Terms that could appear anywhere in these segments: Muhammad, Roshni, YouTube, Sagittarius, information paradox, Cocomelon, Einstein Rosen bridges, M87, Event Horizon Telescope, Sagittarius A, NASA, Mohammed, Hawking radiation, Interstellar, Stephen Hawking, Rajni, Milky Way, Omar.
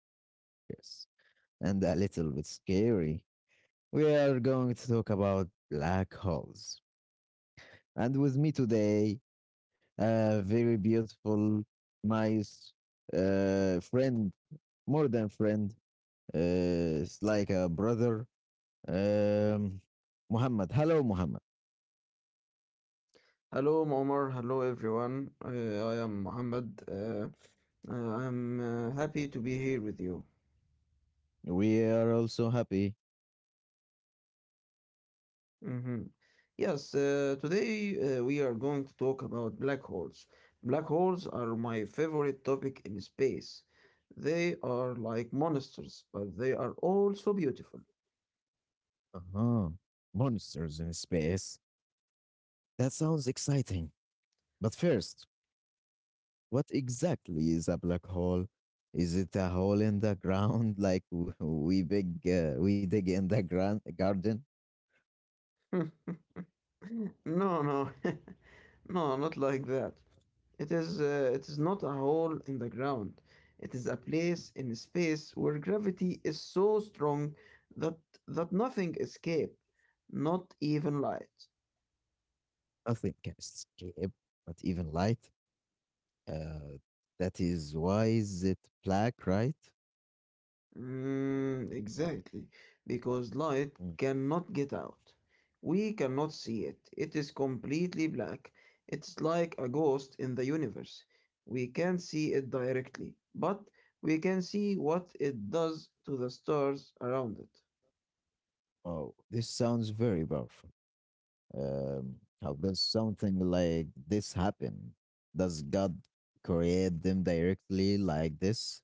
very mysterious and a little bit scary. We are going to talk about black holes. And with me today, a very beautiful, nice friend, more than friend, it's like a brother, um, Muhammad. Hello, Muhammad. Hello, Omar. Hello, everyone. I am Mohammed. Uh, I'm happy to be here with you. We are also happy. hmm Yes, today we are going to talk about black holes. Black holes are my favorite topic in space. They are like monsters, but they are also beautiful. Uh-huh. Monsters in space. That sounds exciting. But first, what exactly is a black hole? Is it a hole in the ground like we big we dig in the garden? No, no, no, not like that. It is not a hole in the ground. It is a place in space where gravity is so strong that that nothing escapes, not even light. Nothing can escape, not even light. Uh, that is why is it black, right? Mm, exactly, because light Mm. cannot get out. We cannot see it. It is completely black. It's like a ghost in the universe. We can't see it directly, but we can see what it does to the stars around it. Oh, this sounds very powerful. Um, how does something like this happen? Does God create them directly like this?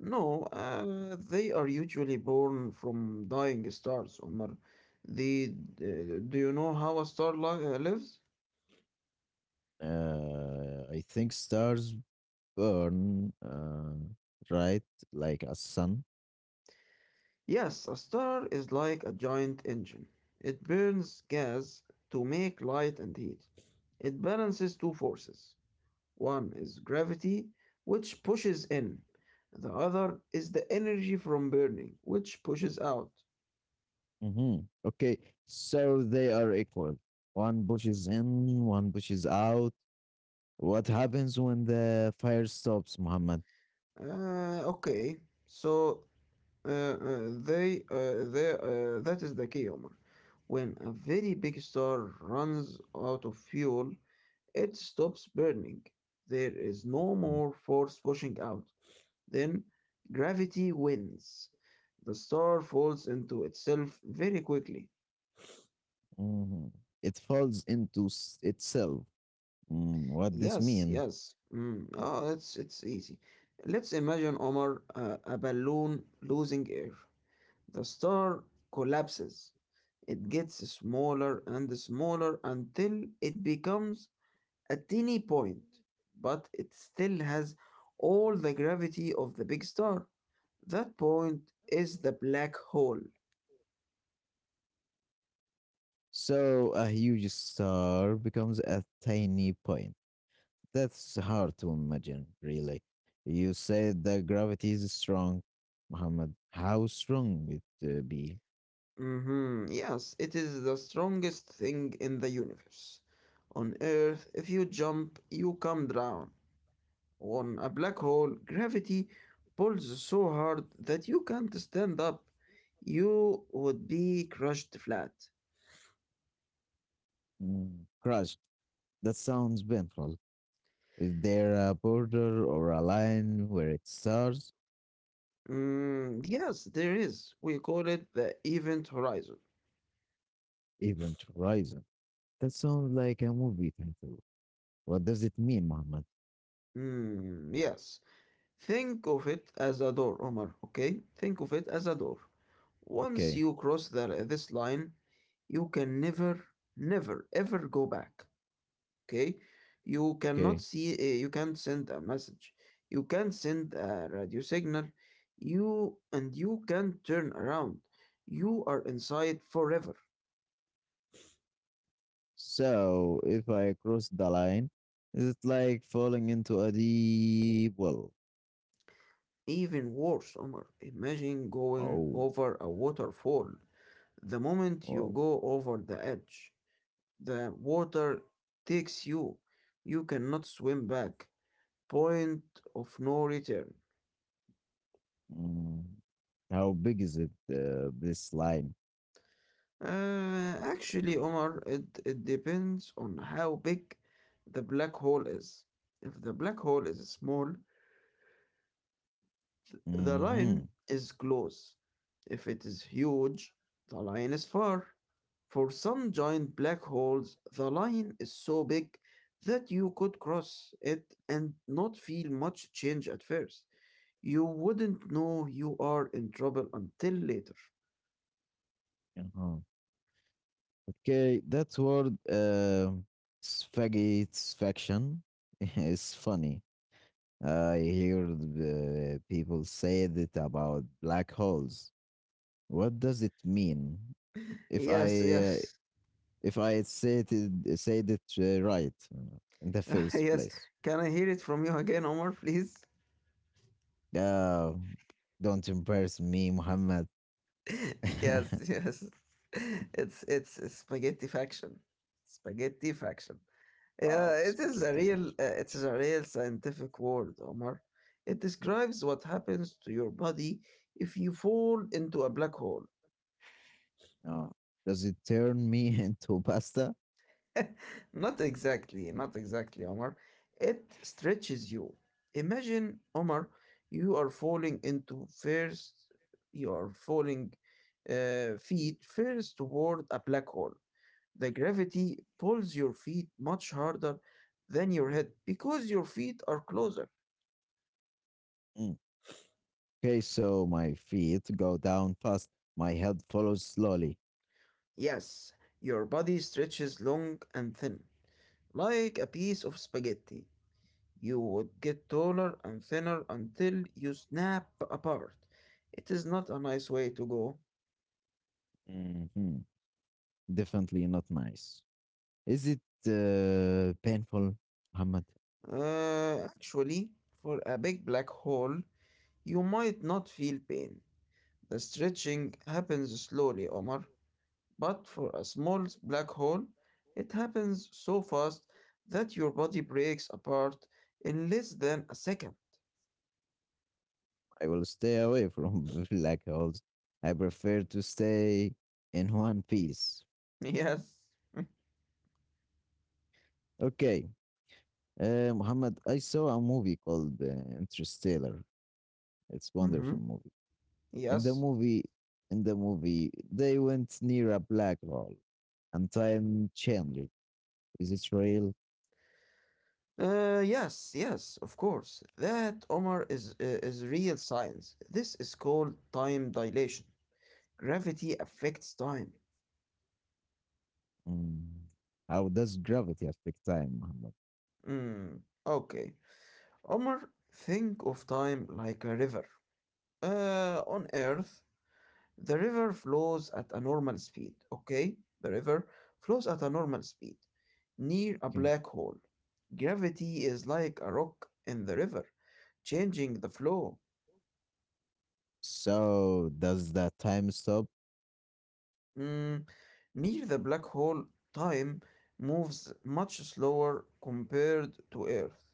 No, they are usually born from dying stars, Omar. The, uh, do you know how a star lives? I think stars burn, right? Like a sun. Yes, a star is like a giant engine. It burns gas to make light and heat. It balances two forces. One is gravity, which pushes in. The other is the energy from burning, which pushes out. Hmm. Okay, so they are equal. One pushes in, one pushes out. What happens when the fire stops, Muhammad? Okay, so that is the key, Omar. When a very big star runs out of fuel, it stops burning. There is no more force pushing out. Then gravity wins. The star falls into itself very quickly. Mm-hmm. It falls into itself. Mm, what this Yes, mean? yes. Mm. Oh, it's easy. Let's imagine Omar a balloon losing air. The star collapses. It gets smaller and smaller until it becomes a teeny point, but it still has all the gravity of the big star. That point is the black hole. So a huge star becomes a tiny point. That's hard to imagine, really. You said that gravity is strong, Muhammad. How strong it be? Yes, it is the strongest thing in the universe. On Earth, if you jump, you come down. On a black hole, gravity pulls so hard that you can't stand up. You would be crushed flat. Mm, crushed. That sounds painful. Is there a border or a line where it starts? Mm, yes, there is. We call it the event horizon. Event horizon. That sounds like a movie title. What does it mean, Muhammad? Mm, yes. Think of it as a door, Omar, okay? Think of it as a door. Once Okay, you cross this line, you can never, never, ever go back, okay? You cannot okay. see, you can't send a message. You can't send a radio signal. And you can't turn around. You are inside forever. So if I cross the line, is it like falling into a deep well? Even worse, Omar, imagine going Oh, over a waterfall. The moment you well. go over the edge, the water takes you. You cannot swim back. Point of no return. Mm. How big is it, this line? Actually, Omar, it depends on how big the black hole is. If the black hole is small, the Mm-hmm. line is close. If it is huge, the line is far. For some giant black holes, the line is so big that you could cross it and not feel much change at first. You wouldn't know you are in trouble until later. Uh-huh. Okay, that word, satisfaction, is funny. I hear the people say that about black holes. What does it mean? If I Yes, uh, yes, if I said it right in the first yes. place. Can I hear it from you again, Omar, please? Oh, don't embarrass me, Muhammad. Yes, yes. It's a spaghetti faction. Spaghetti faction. Yeah, Wow, it is spaghetti. It is a real scientific word, Omar. It describes what happens to your body if you fall into a black hole. Uh, does it turn me into pasta? Not exactly, not exactly, Omar. It stretches you. Imagine, Omar, you are falling into first, you are falling feet first toward a black hole. The gravity pulls your feet much harder than your head because your feet are closer. Mm. Okay, so my feet go down fast, my head follows slowly. Yes, your body stretches long and thin, like a piece of spaghetti. You would get taller and thinner until you snap apart. It is not a nice way to go. Hmm. Definitely not nice. Is it painful, Muhammad? Actually, for a big black hole, you might not feel pain. The stretching happens slowly, Omar, but for a small black hole, it happens so fast that your body breaks apart in less than a second. I will stay away from black holes. I prefer to stay in one piece. Yes. Okay, Muhammad, I saw a movie called Interstellar. It's Mm-hmm. wonderful movie. In the Yes. movie, in the movie, they went near a black hole, and time changed. Is it real? Yes, yes, of course. That, Omar, is real science. This is called time dilation. Gravity affects time. Mm. How does gravity affect time, Muhammad? Hmm. Okay. Omar, think of time like a river. On Earth, the river flows at a normal speed. Okay? The river flows at a normal speed near a Okay. black hole. Gravity is like a rock in the river, changing the flow. So does that time stop? Mm, near the black hole, time moves much slower compared to Earth.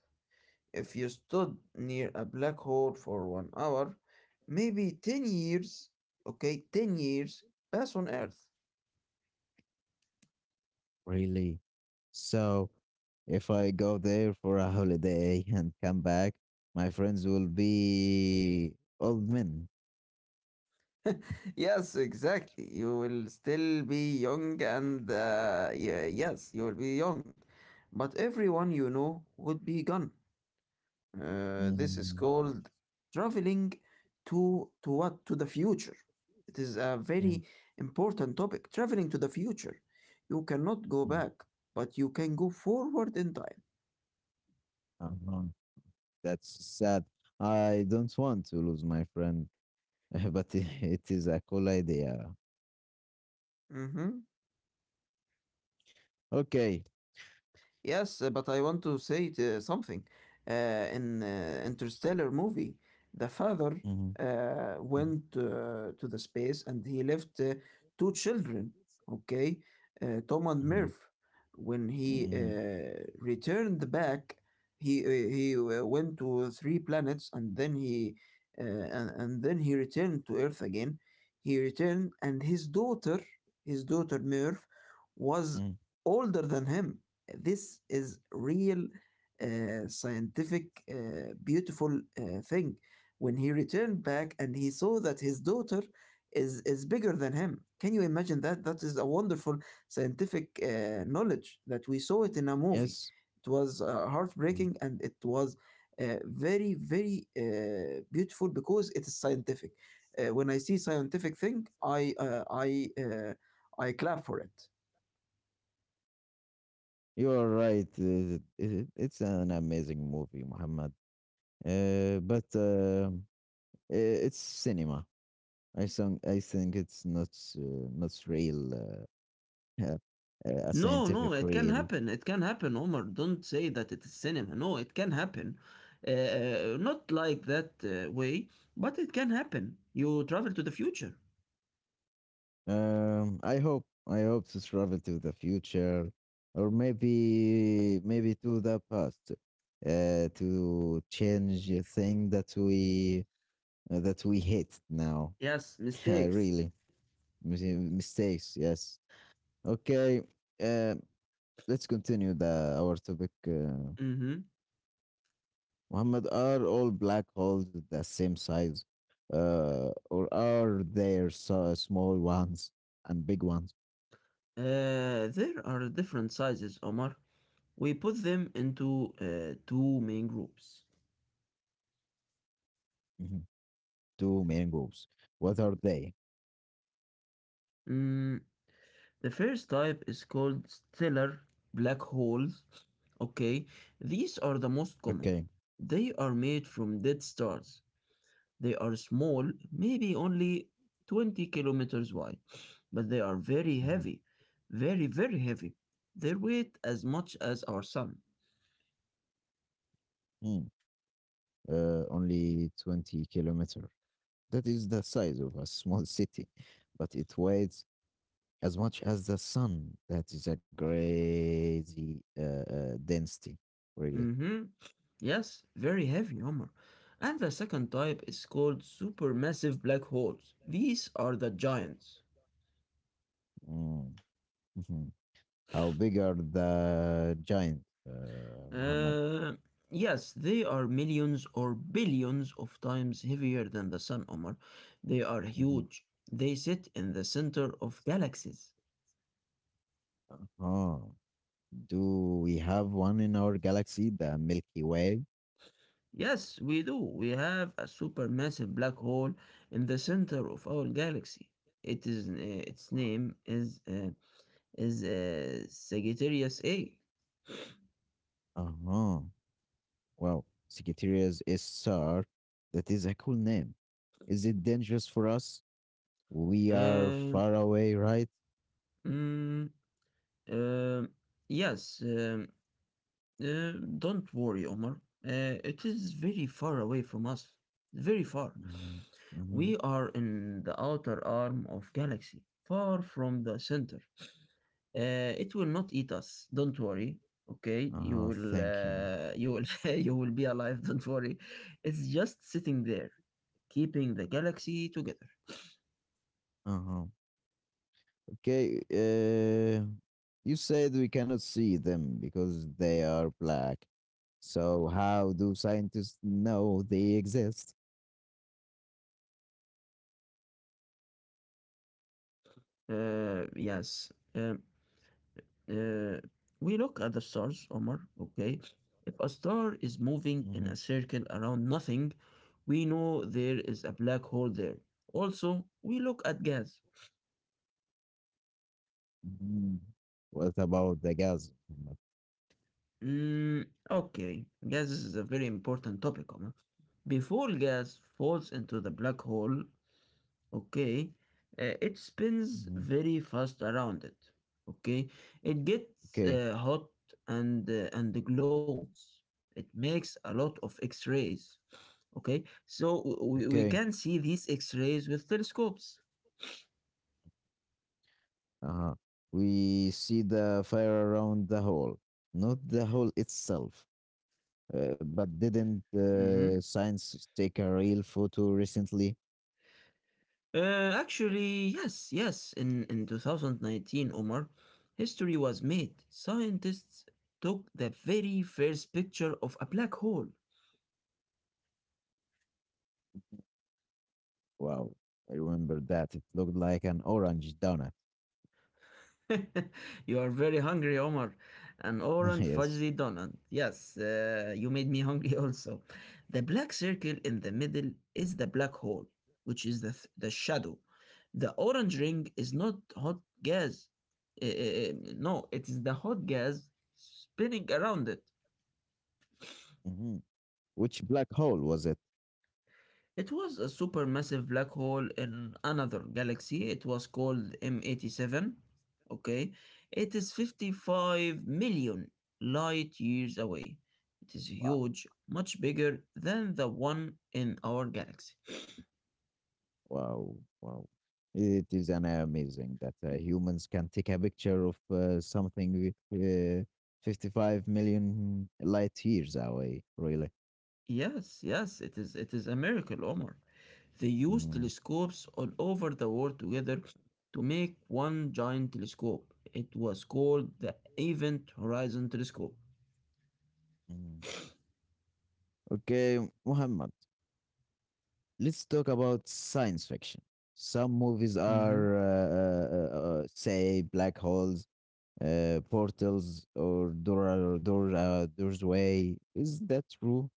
If you stood near a black hole for 1 hour, maybe 10 years, okay, 10 years pass on Earth. Really? So, if I go there for a holiday and come back, my friends will be old men. Yes, exactly. You will still be young and, yeah, yes, you will be young. But everyone you know would be gone. This is Mm, called traveling to the future. It is a mm, very important topic. Traveling to the future, you cannot go mm. back, but you can go forward in time. Uh-huh. That's sad. I don't want to lose my friend, but it is a cool idea. Mm-hmm. Okay. Yes, but I want to say something. Uh, in Interstellar movie, the father Hmm. Went to the space and he left two children, okay, Tom and Hmm. Murph. When he Hmm. Returned back, he went to three planets and then he returned to Earth again. He returned and his daughter Murph, was Hmm. older than him. This is real scientific, beautiful thing. When he returned back and he saw that his daughter is bigger than him. Can you imagine that? That is a wonderful scientific knowledge that we saw it in a movie. Yes. It was Mm. heartbreaking and it was very very beautiful because it is scientific. When I see scientific thing, I clap for it. You are right. It's an amazing movie, Muhammad. But i- it's cinema. I think it's not not real, uh, a No, scientific no, it can real. happen. It can happen, Omar. Don't say that it is cinema. No, it can happen. Not like that way, but it can happen. You travel to the future. I hope to travel to the future, or maybe to the past, to change a thing that we hate now. Yes, mistakes. really, mis- mistakes. Yes. Okay. Uh, let's continue the our topic. Mm-hmm. Muhammad, are all black holes the same size, or are there so small ones and big ones? There are different sizes, Omar. We put them into two main groups. Mhm. Two main groups. What are they? Mm, The first type is called stellar black holes. Okay, these are the most Okay. common. They are made from dead stars. They are small, maybe only 20 kilometers wide, but they are very Mhm. heavy, very, very heavy. They weight as much as our sun. Hmm. Only 20 kilometer. That is the size of a small city, but it weighs as much as the sun. That is a crazy density, really. Mm-hmm. Yes, very heavy, Omar. And the second type is called supermassive black holes. These are the giants. Mm. Mhm. How big are the giant, Muhammad? Uh, yes, they are millions or billions of times heavier than the Sun, Omar. They are Mhm. huge. They sit in the center of galaxies. Uh-huh. Do we have one in our galaxy, the Milky Way? Yes, we do. We have a supermassive black hole in the center of our galaxy. It is its Wow. name is Sagittarius A. Uh-huh. Wow. Sagittarius is star. That is a cool name. Is it dangerous for us? We are Uh, far away, right? mm, uh, yes. Uh, don't worry, Omar. It is very far away from us. Very far. Mm-hmm. Mm-hmm. We are in the outer arm of galaxy, far from the center. It will not eat us. Don't worry. Okay, Uh-huh. Thank you. You will be alive. Don't worry. It's just sitting there, keeping the galaxy together. Uh-huh. Okay. You said we cannot see them because they are black. So how do scientists know they exist? Yes. Uh, we look at the stars, Omar, okay? If a star is moving in a Mm-hmm. circle around nothing, we know there is a black hole there. Also, we look at gas. Mhm. What about the gas? Mm, okay, gases is a very important topic, Omar. Before gas falls into the black hole, okay, it spins Mhm. very fast around it, okay, it gets Okay, hot and glows. It makes a lot of x-rays, okay, so we okay. can see these x-rays with telescopes. Uh-huh. We see the fire around the hole, not the hole itself. But didn't hmm science take a real photo recently? Actually, yes, yes, in 2019, Omar, history was made. Scientists took the very first picture of a black hole. Wow, I remember that. It looked like an orange donut. You are very hungry, Omar. An orange Yes. fudgy donut. Yes, you made me hungry also. The black circle in the middle is the black hole, which is the shadow. The orange ring is not hot gas. No, it is the hot gas spinning around it. Hmm. Which black hole was it? It was a supermassive black hole in another galaxy. It was called M87. Okay. It is 55 million light years away. It is Wow. huge, much bigger than the one in our galaxy. Wow, wow. It is an amazing that humans can take a picture of something with, 55 million light years away, really. Yes, yes, it is a miracle, Omar. They used Mm, telescopes all over the world together to make one giant telescope. It was called the Event Horizon Telescope. mm. Okay, Muhammad, let's talk about science fiction. Some movies Mhm. are, say, black holes, portals, or door, doorway. Is that true?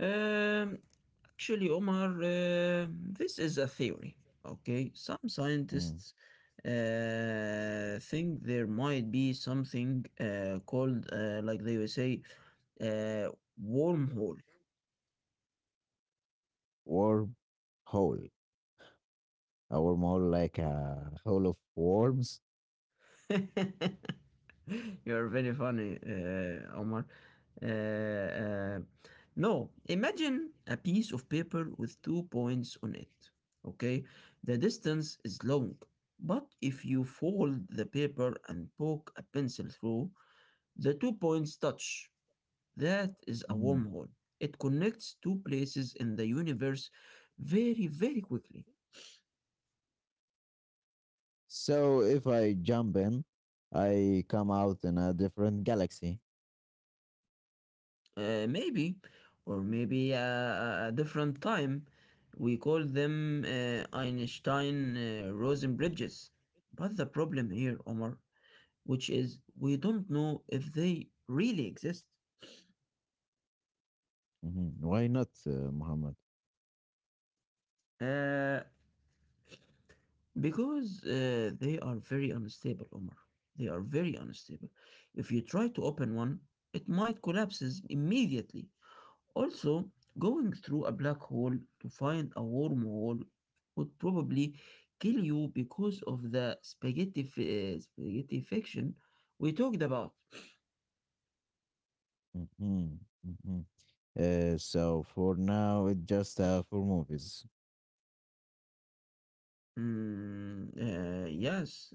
Um, Actually, Omar, this is a theory. Okay, some Mm. scientists think there might be something called like they would say, uh, wormhole. Or hole? Uh, or more like a hole of worms. You're very funny, Omar. Uh, uh, no, imagine a piece of paper with two points on it. Okay, the distance is long, but if you fold the paper and poke a pencil through, the two points touch. That is a Mm. wormhole. It connects two places in the universe very, very quickly. So if I jump in, I come out in a different galaxy. Maybe, or maybe a different time. We call them Einstein Rosen bridges. But the problem here, Omar, which is we don't know if they really exist. Mhm. Why not, Muhammad? Uh, because they are very unstable, Omar. They are very unstable. If you try to open one, it might collapses immediately. Also, going through a black hole to find a wormhole would probably kill you because of the spaghetti fiction we talked about. Mhm, mhm. So for now, it's just for movies. Mm, yes,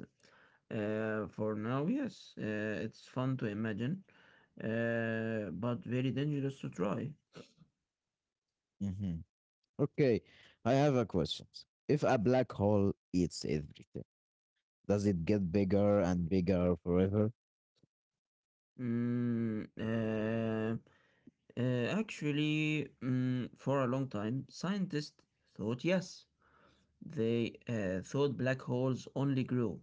for now, yes. It's fun to imagine, but very dangerous to try. Mhm. Okay, I have a question. If a black hole eats everything, does it get bigger and bigger forever? Mm, uh, actually, for a long time, scientists thought yes. They thought black holes only grew,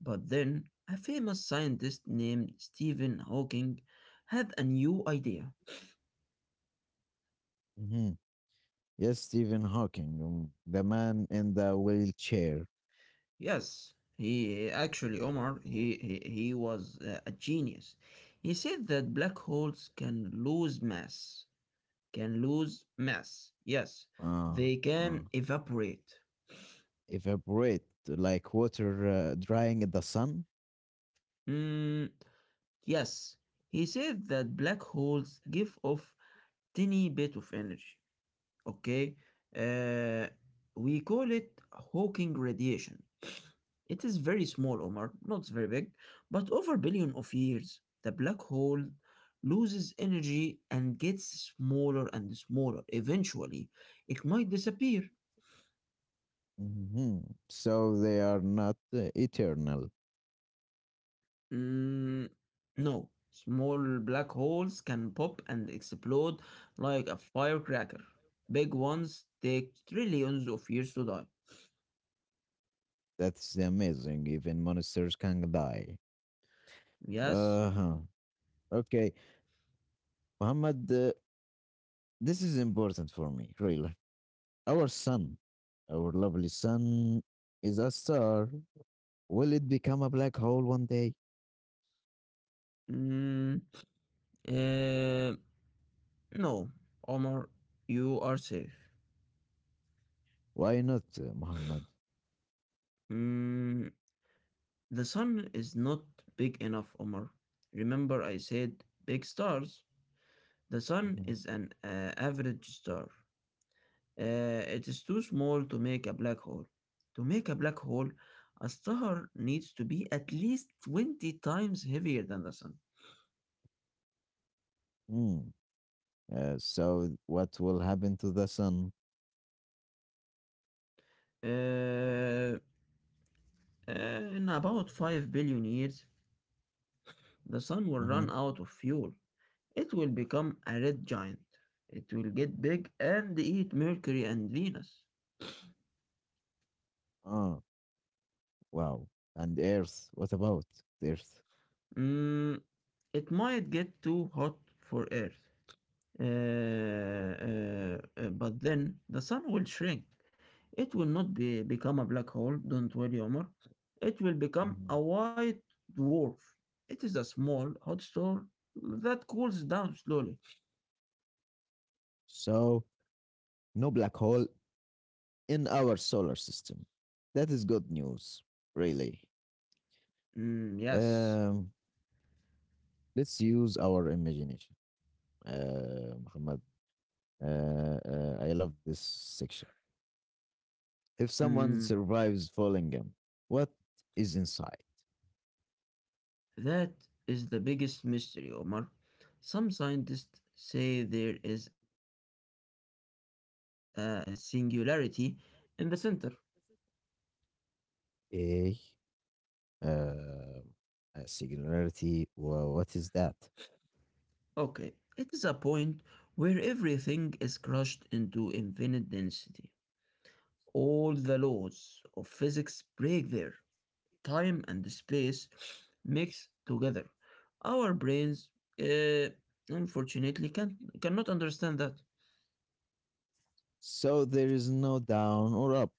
but then a famous scientist named Stephen Hawking had a new idea. Mhm. Yes, Stephen Hawking, the man in the wheelchair. Yes, he actually, Omar, he was a genius. He said that black holes can lose mass. Can lose mass. Yes, Ah, they ah. can evaporate. Evaporate like water drying in the sun. Mm, yes, he said that black holes give off tiny bit of energy. Okay, uh, we call it Hawking radiation. It is very small, Omar, not very big, but over a billion of years, the black hole loses energy and gets smaller and smaller. Eventually it might disappear. Mhm. So they are not eternal. Mm, no, small black holes can pop and explode like a firecracker. Big ones take trillions of years to die. That's amazing. Even monsters can die. Yes. Uh huh. Okay, Muhammad, this is important for me, really. Our sun, our lovely sun, is a star. Will it become a black hole one day? mm, uh, No, Omar, you are safe. Why not, Muhammad? Mm, the sun is not big enough, Omar. Remember, I said big stars. The sun Mhm. is an average star. It is too small to make a black hole. To make a black hole, a star needs to be at least 20 times heavier than the sun. Mm. So, what will happen to the sun? Uh, uh, in about 5 billion years, the sun will Mm-hmm. run out of fuel. It will become a red giant. It will get big and eat Mercury and Venus. Ah. Wow. And Earth, what about the Earth? Mm, it might get too hot for Earth. Uh, uh, but then the sun will shrink. It will not be, become a black hole. Don't worry, Omar. It will become Mhm. a white dwarf. It is a small hot star that cools down slowly. So, no black hole in our solar system. That is good news, really. Mm, yes. Um, let's use our imagination. Muhammad, I love this section. If someone Mm, survives falling what is inside? that is the biggest mystery, Omar. Some scientists say there is a singularity in the center. A, uh, a singularity. Well, what is that? Okay, it is a point where everything is crushed into infinite density. All the laws of physics break there. Time and space mix together. Our brains, uh, unfortunately, cannot understand that. So there is no down or up.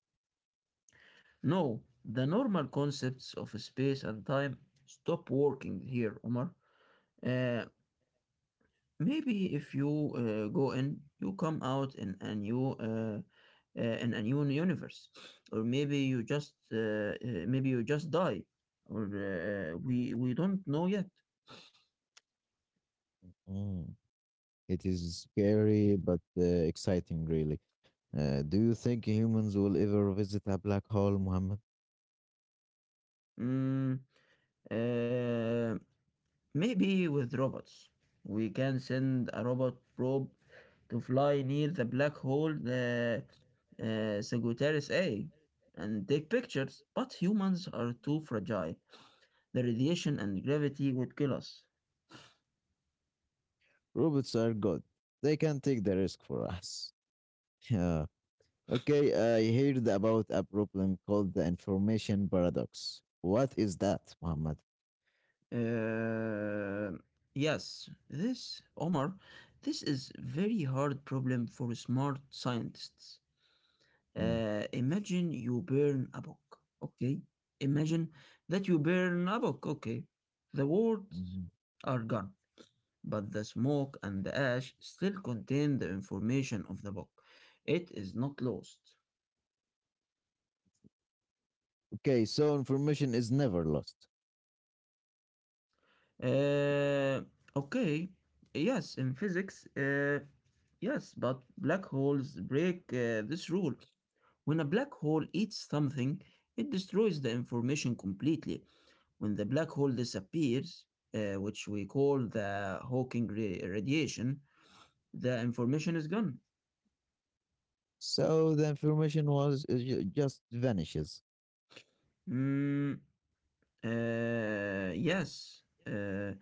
No, the normal concepts of space and time stop working here, Omar. Uh, maybe if you go in, you come out in a new universe, or maybe you just die, or we don't know yet. Mm. It is scary but exciting, really. Do you think humans will ever visit a black hole, Muhammad? Mm, uh, Maybe with robots. We can send a robot probe to fly near the black hole the Sagittarius A and take pictures, but humans are too fragile. The radiation and gravity would kill us. Robots are good. They can take the risk for us. Yeah. Okay, I heard about a problem called the information paradox. What is that, Muhammad? Uh, yes, this is very hard problem for smart scientists. Mm, Imagine you burn a book. Okay. Imagine that you burn a book. Okay. The words mhm. are gone, but the smoke and the ash still contain the information of the book. It is not lost. Okay, so information is never lost. Uh, okay. Yes, in physics, yes, but black holes break this rule. When a black hole eats something, it destroys the information completely. When the black hole disappears, which we call the radiation, the information is gone. So the information was just vanishes. Mm, yes.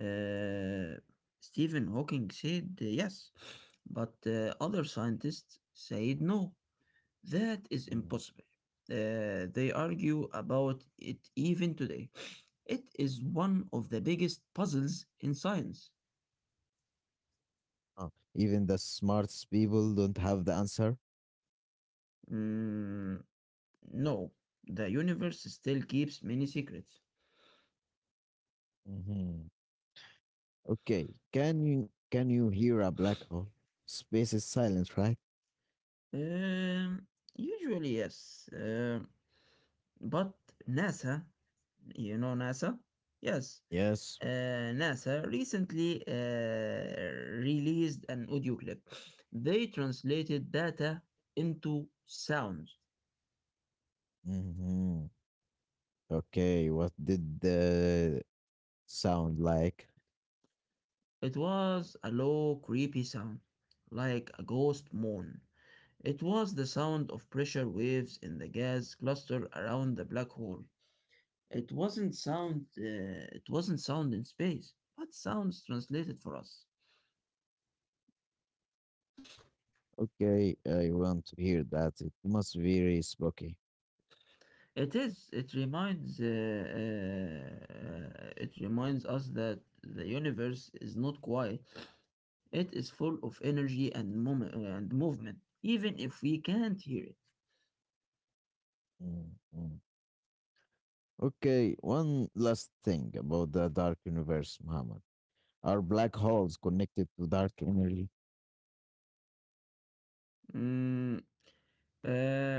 uh, Stephen Hawking said yes, but other scientists said no. That is Mm. impossible. They argue about it even today. It is one of the biggest puzzles in science. Oh, even the smartest people don't have the answer. Mm, no, the universe still keeps many secrets. Mhm. Okay, can you hear a black hole? Space is silent, right? Um, usually, yes. But NASA, you know NASA? Yes. Yes. Uh, NASA recently released an audio clip. They translated data into sounds. Hmm. Okay, what did the sound like? It was a low, creepy sound, like a ghost moan. It was the sound of pressure waves in the gas cluster around the black hole. It wasn't sound. It wasn't sound in space, but sounds translated for us. Okay, I want to hear that. It must be very spooky. It is. It reminds us that the universe is not quiet. It is full of energy and and movement, even if we can't hear it. Mhm. Okay, one last thing about the dark universe, Muhammad. Are black holes connected to dark energy? Mm, uh, uh,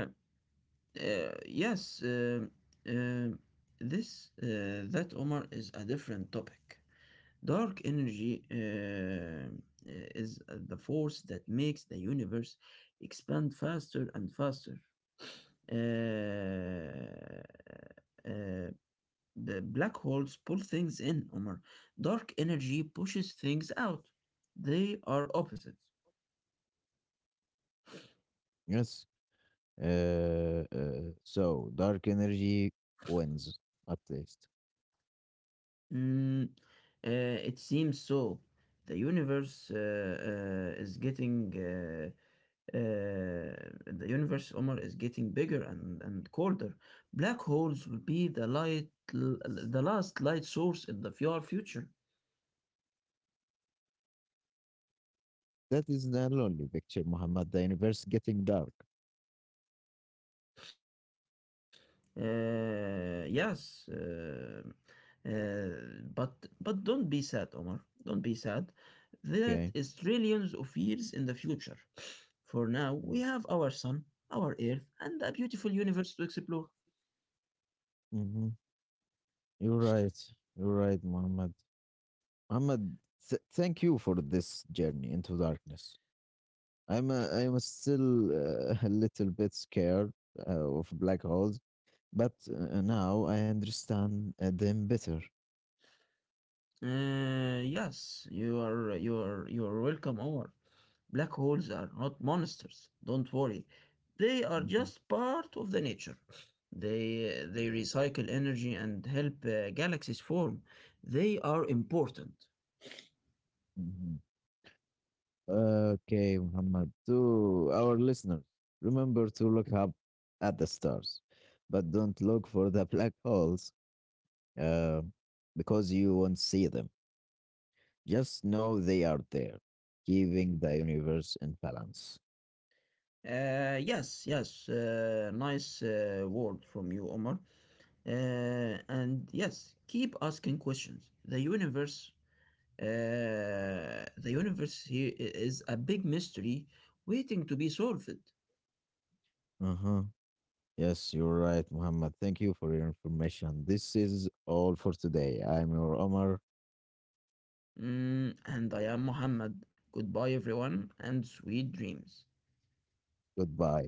yes. Um, this that, Omar, is a different topic. Dark energy is the force that makes the universe expand faster and faster. Uh, uh, the black holes pull things in, Omar. Dark energy pushes things out. They are opposites. Yes. So dark energy wins, at least. Mm, uh, it seems so. The universe uh, uh, is getting uh, uh, the universe, Omar, is getting bigger and colder. Black holes will be the light, the last light source in the far future. That is the lonely picture, Muhammad. The universe getting dark. Uh, yes, uh, but but don't be sad, Omar. Don't be sad. That is Okay. trillions of years in the future. For now, we have our sun, our earth, and a beautiful universe to explore. Mm-hmm. You're right. You're right, Muhammad. Muhammad, thank you for this journey into darkness. I'm still a little bit scared of black holes, but now I understand them better. Yes, you are welcome, Omar. Black holes are not monsters. Don't worry. They are Mhm, just part of the nature. They recycle energy and help galaxies form. They are important. mhm. Okay, Muhammad. To our listeners, remember to look up at the stars, but don't look for the black holes. Uh, because you won't see them. Just know they are there, keeping the universe in balance. Yes, yes. Nice word from you, Omar. And yes, keep asking questions. Uh, the universe here is a big mystery waiting to be solved. Uh huh. Yes, you're right, Muhammad. Thank you for your information. This is all for today. I'm your Omar. Mm, and I am Muhammad. Goodbye, everyone, and sweet dreams. Goodbye.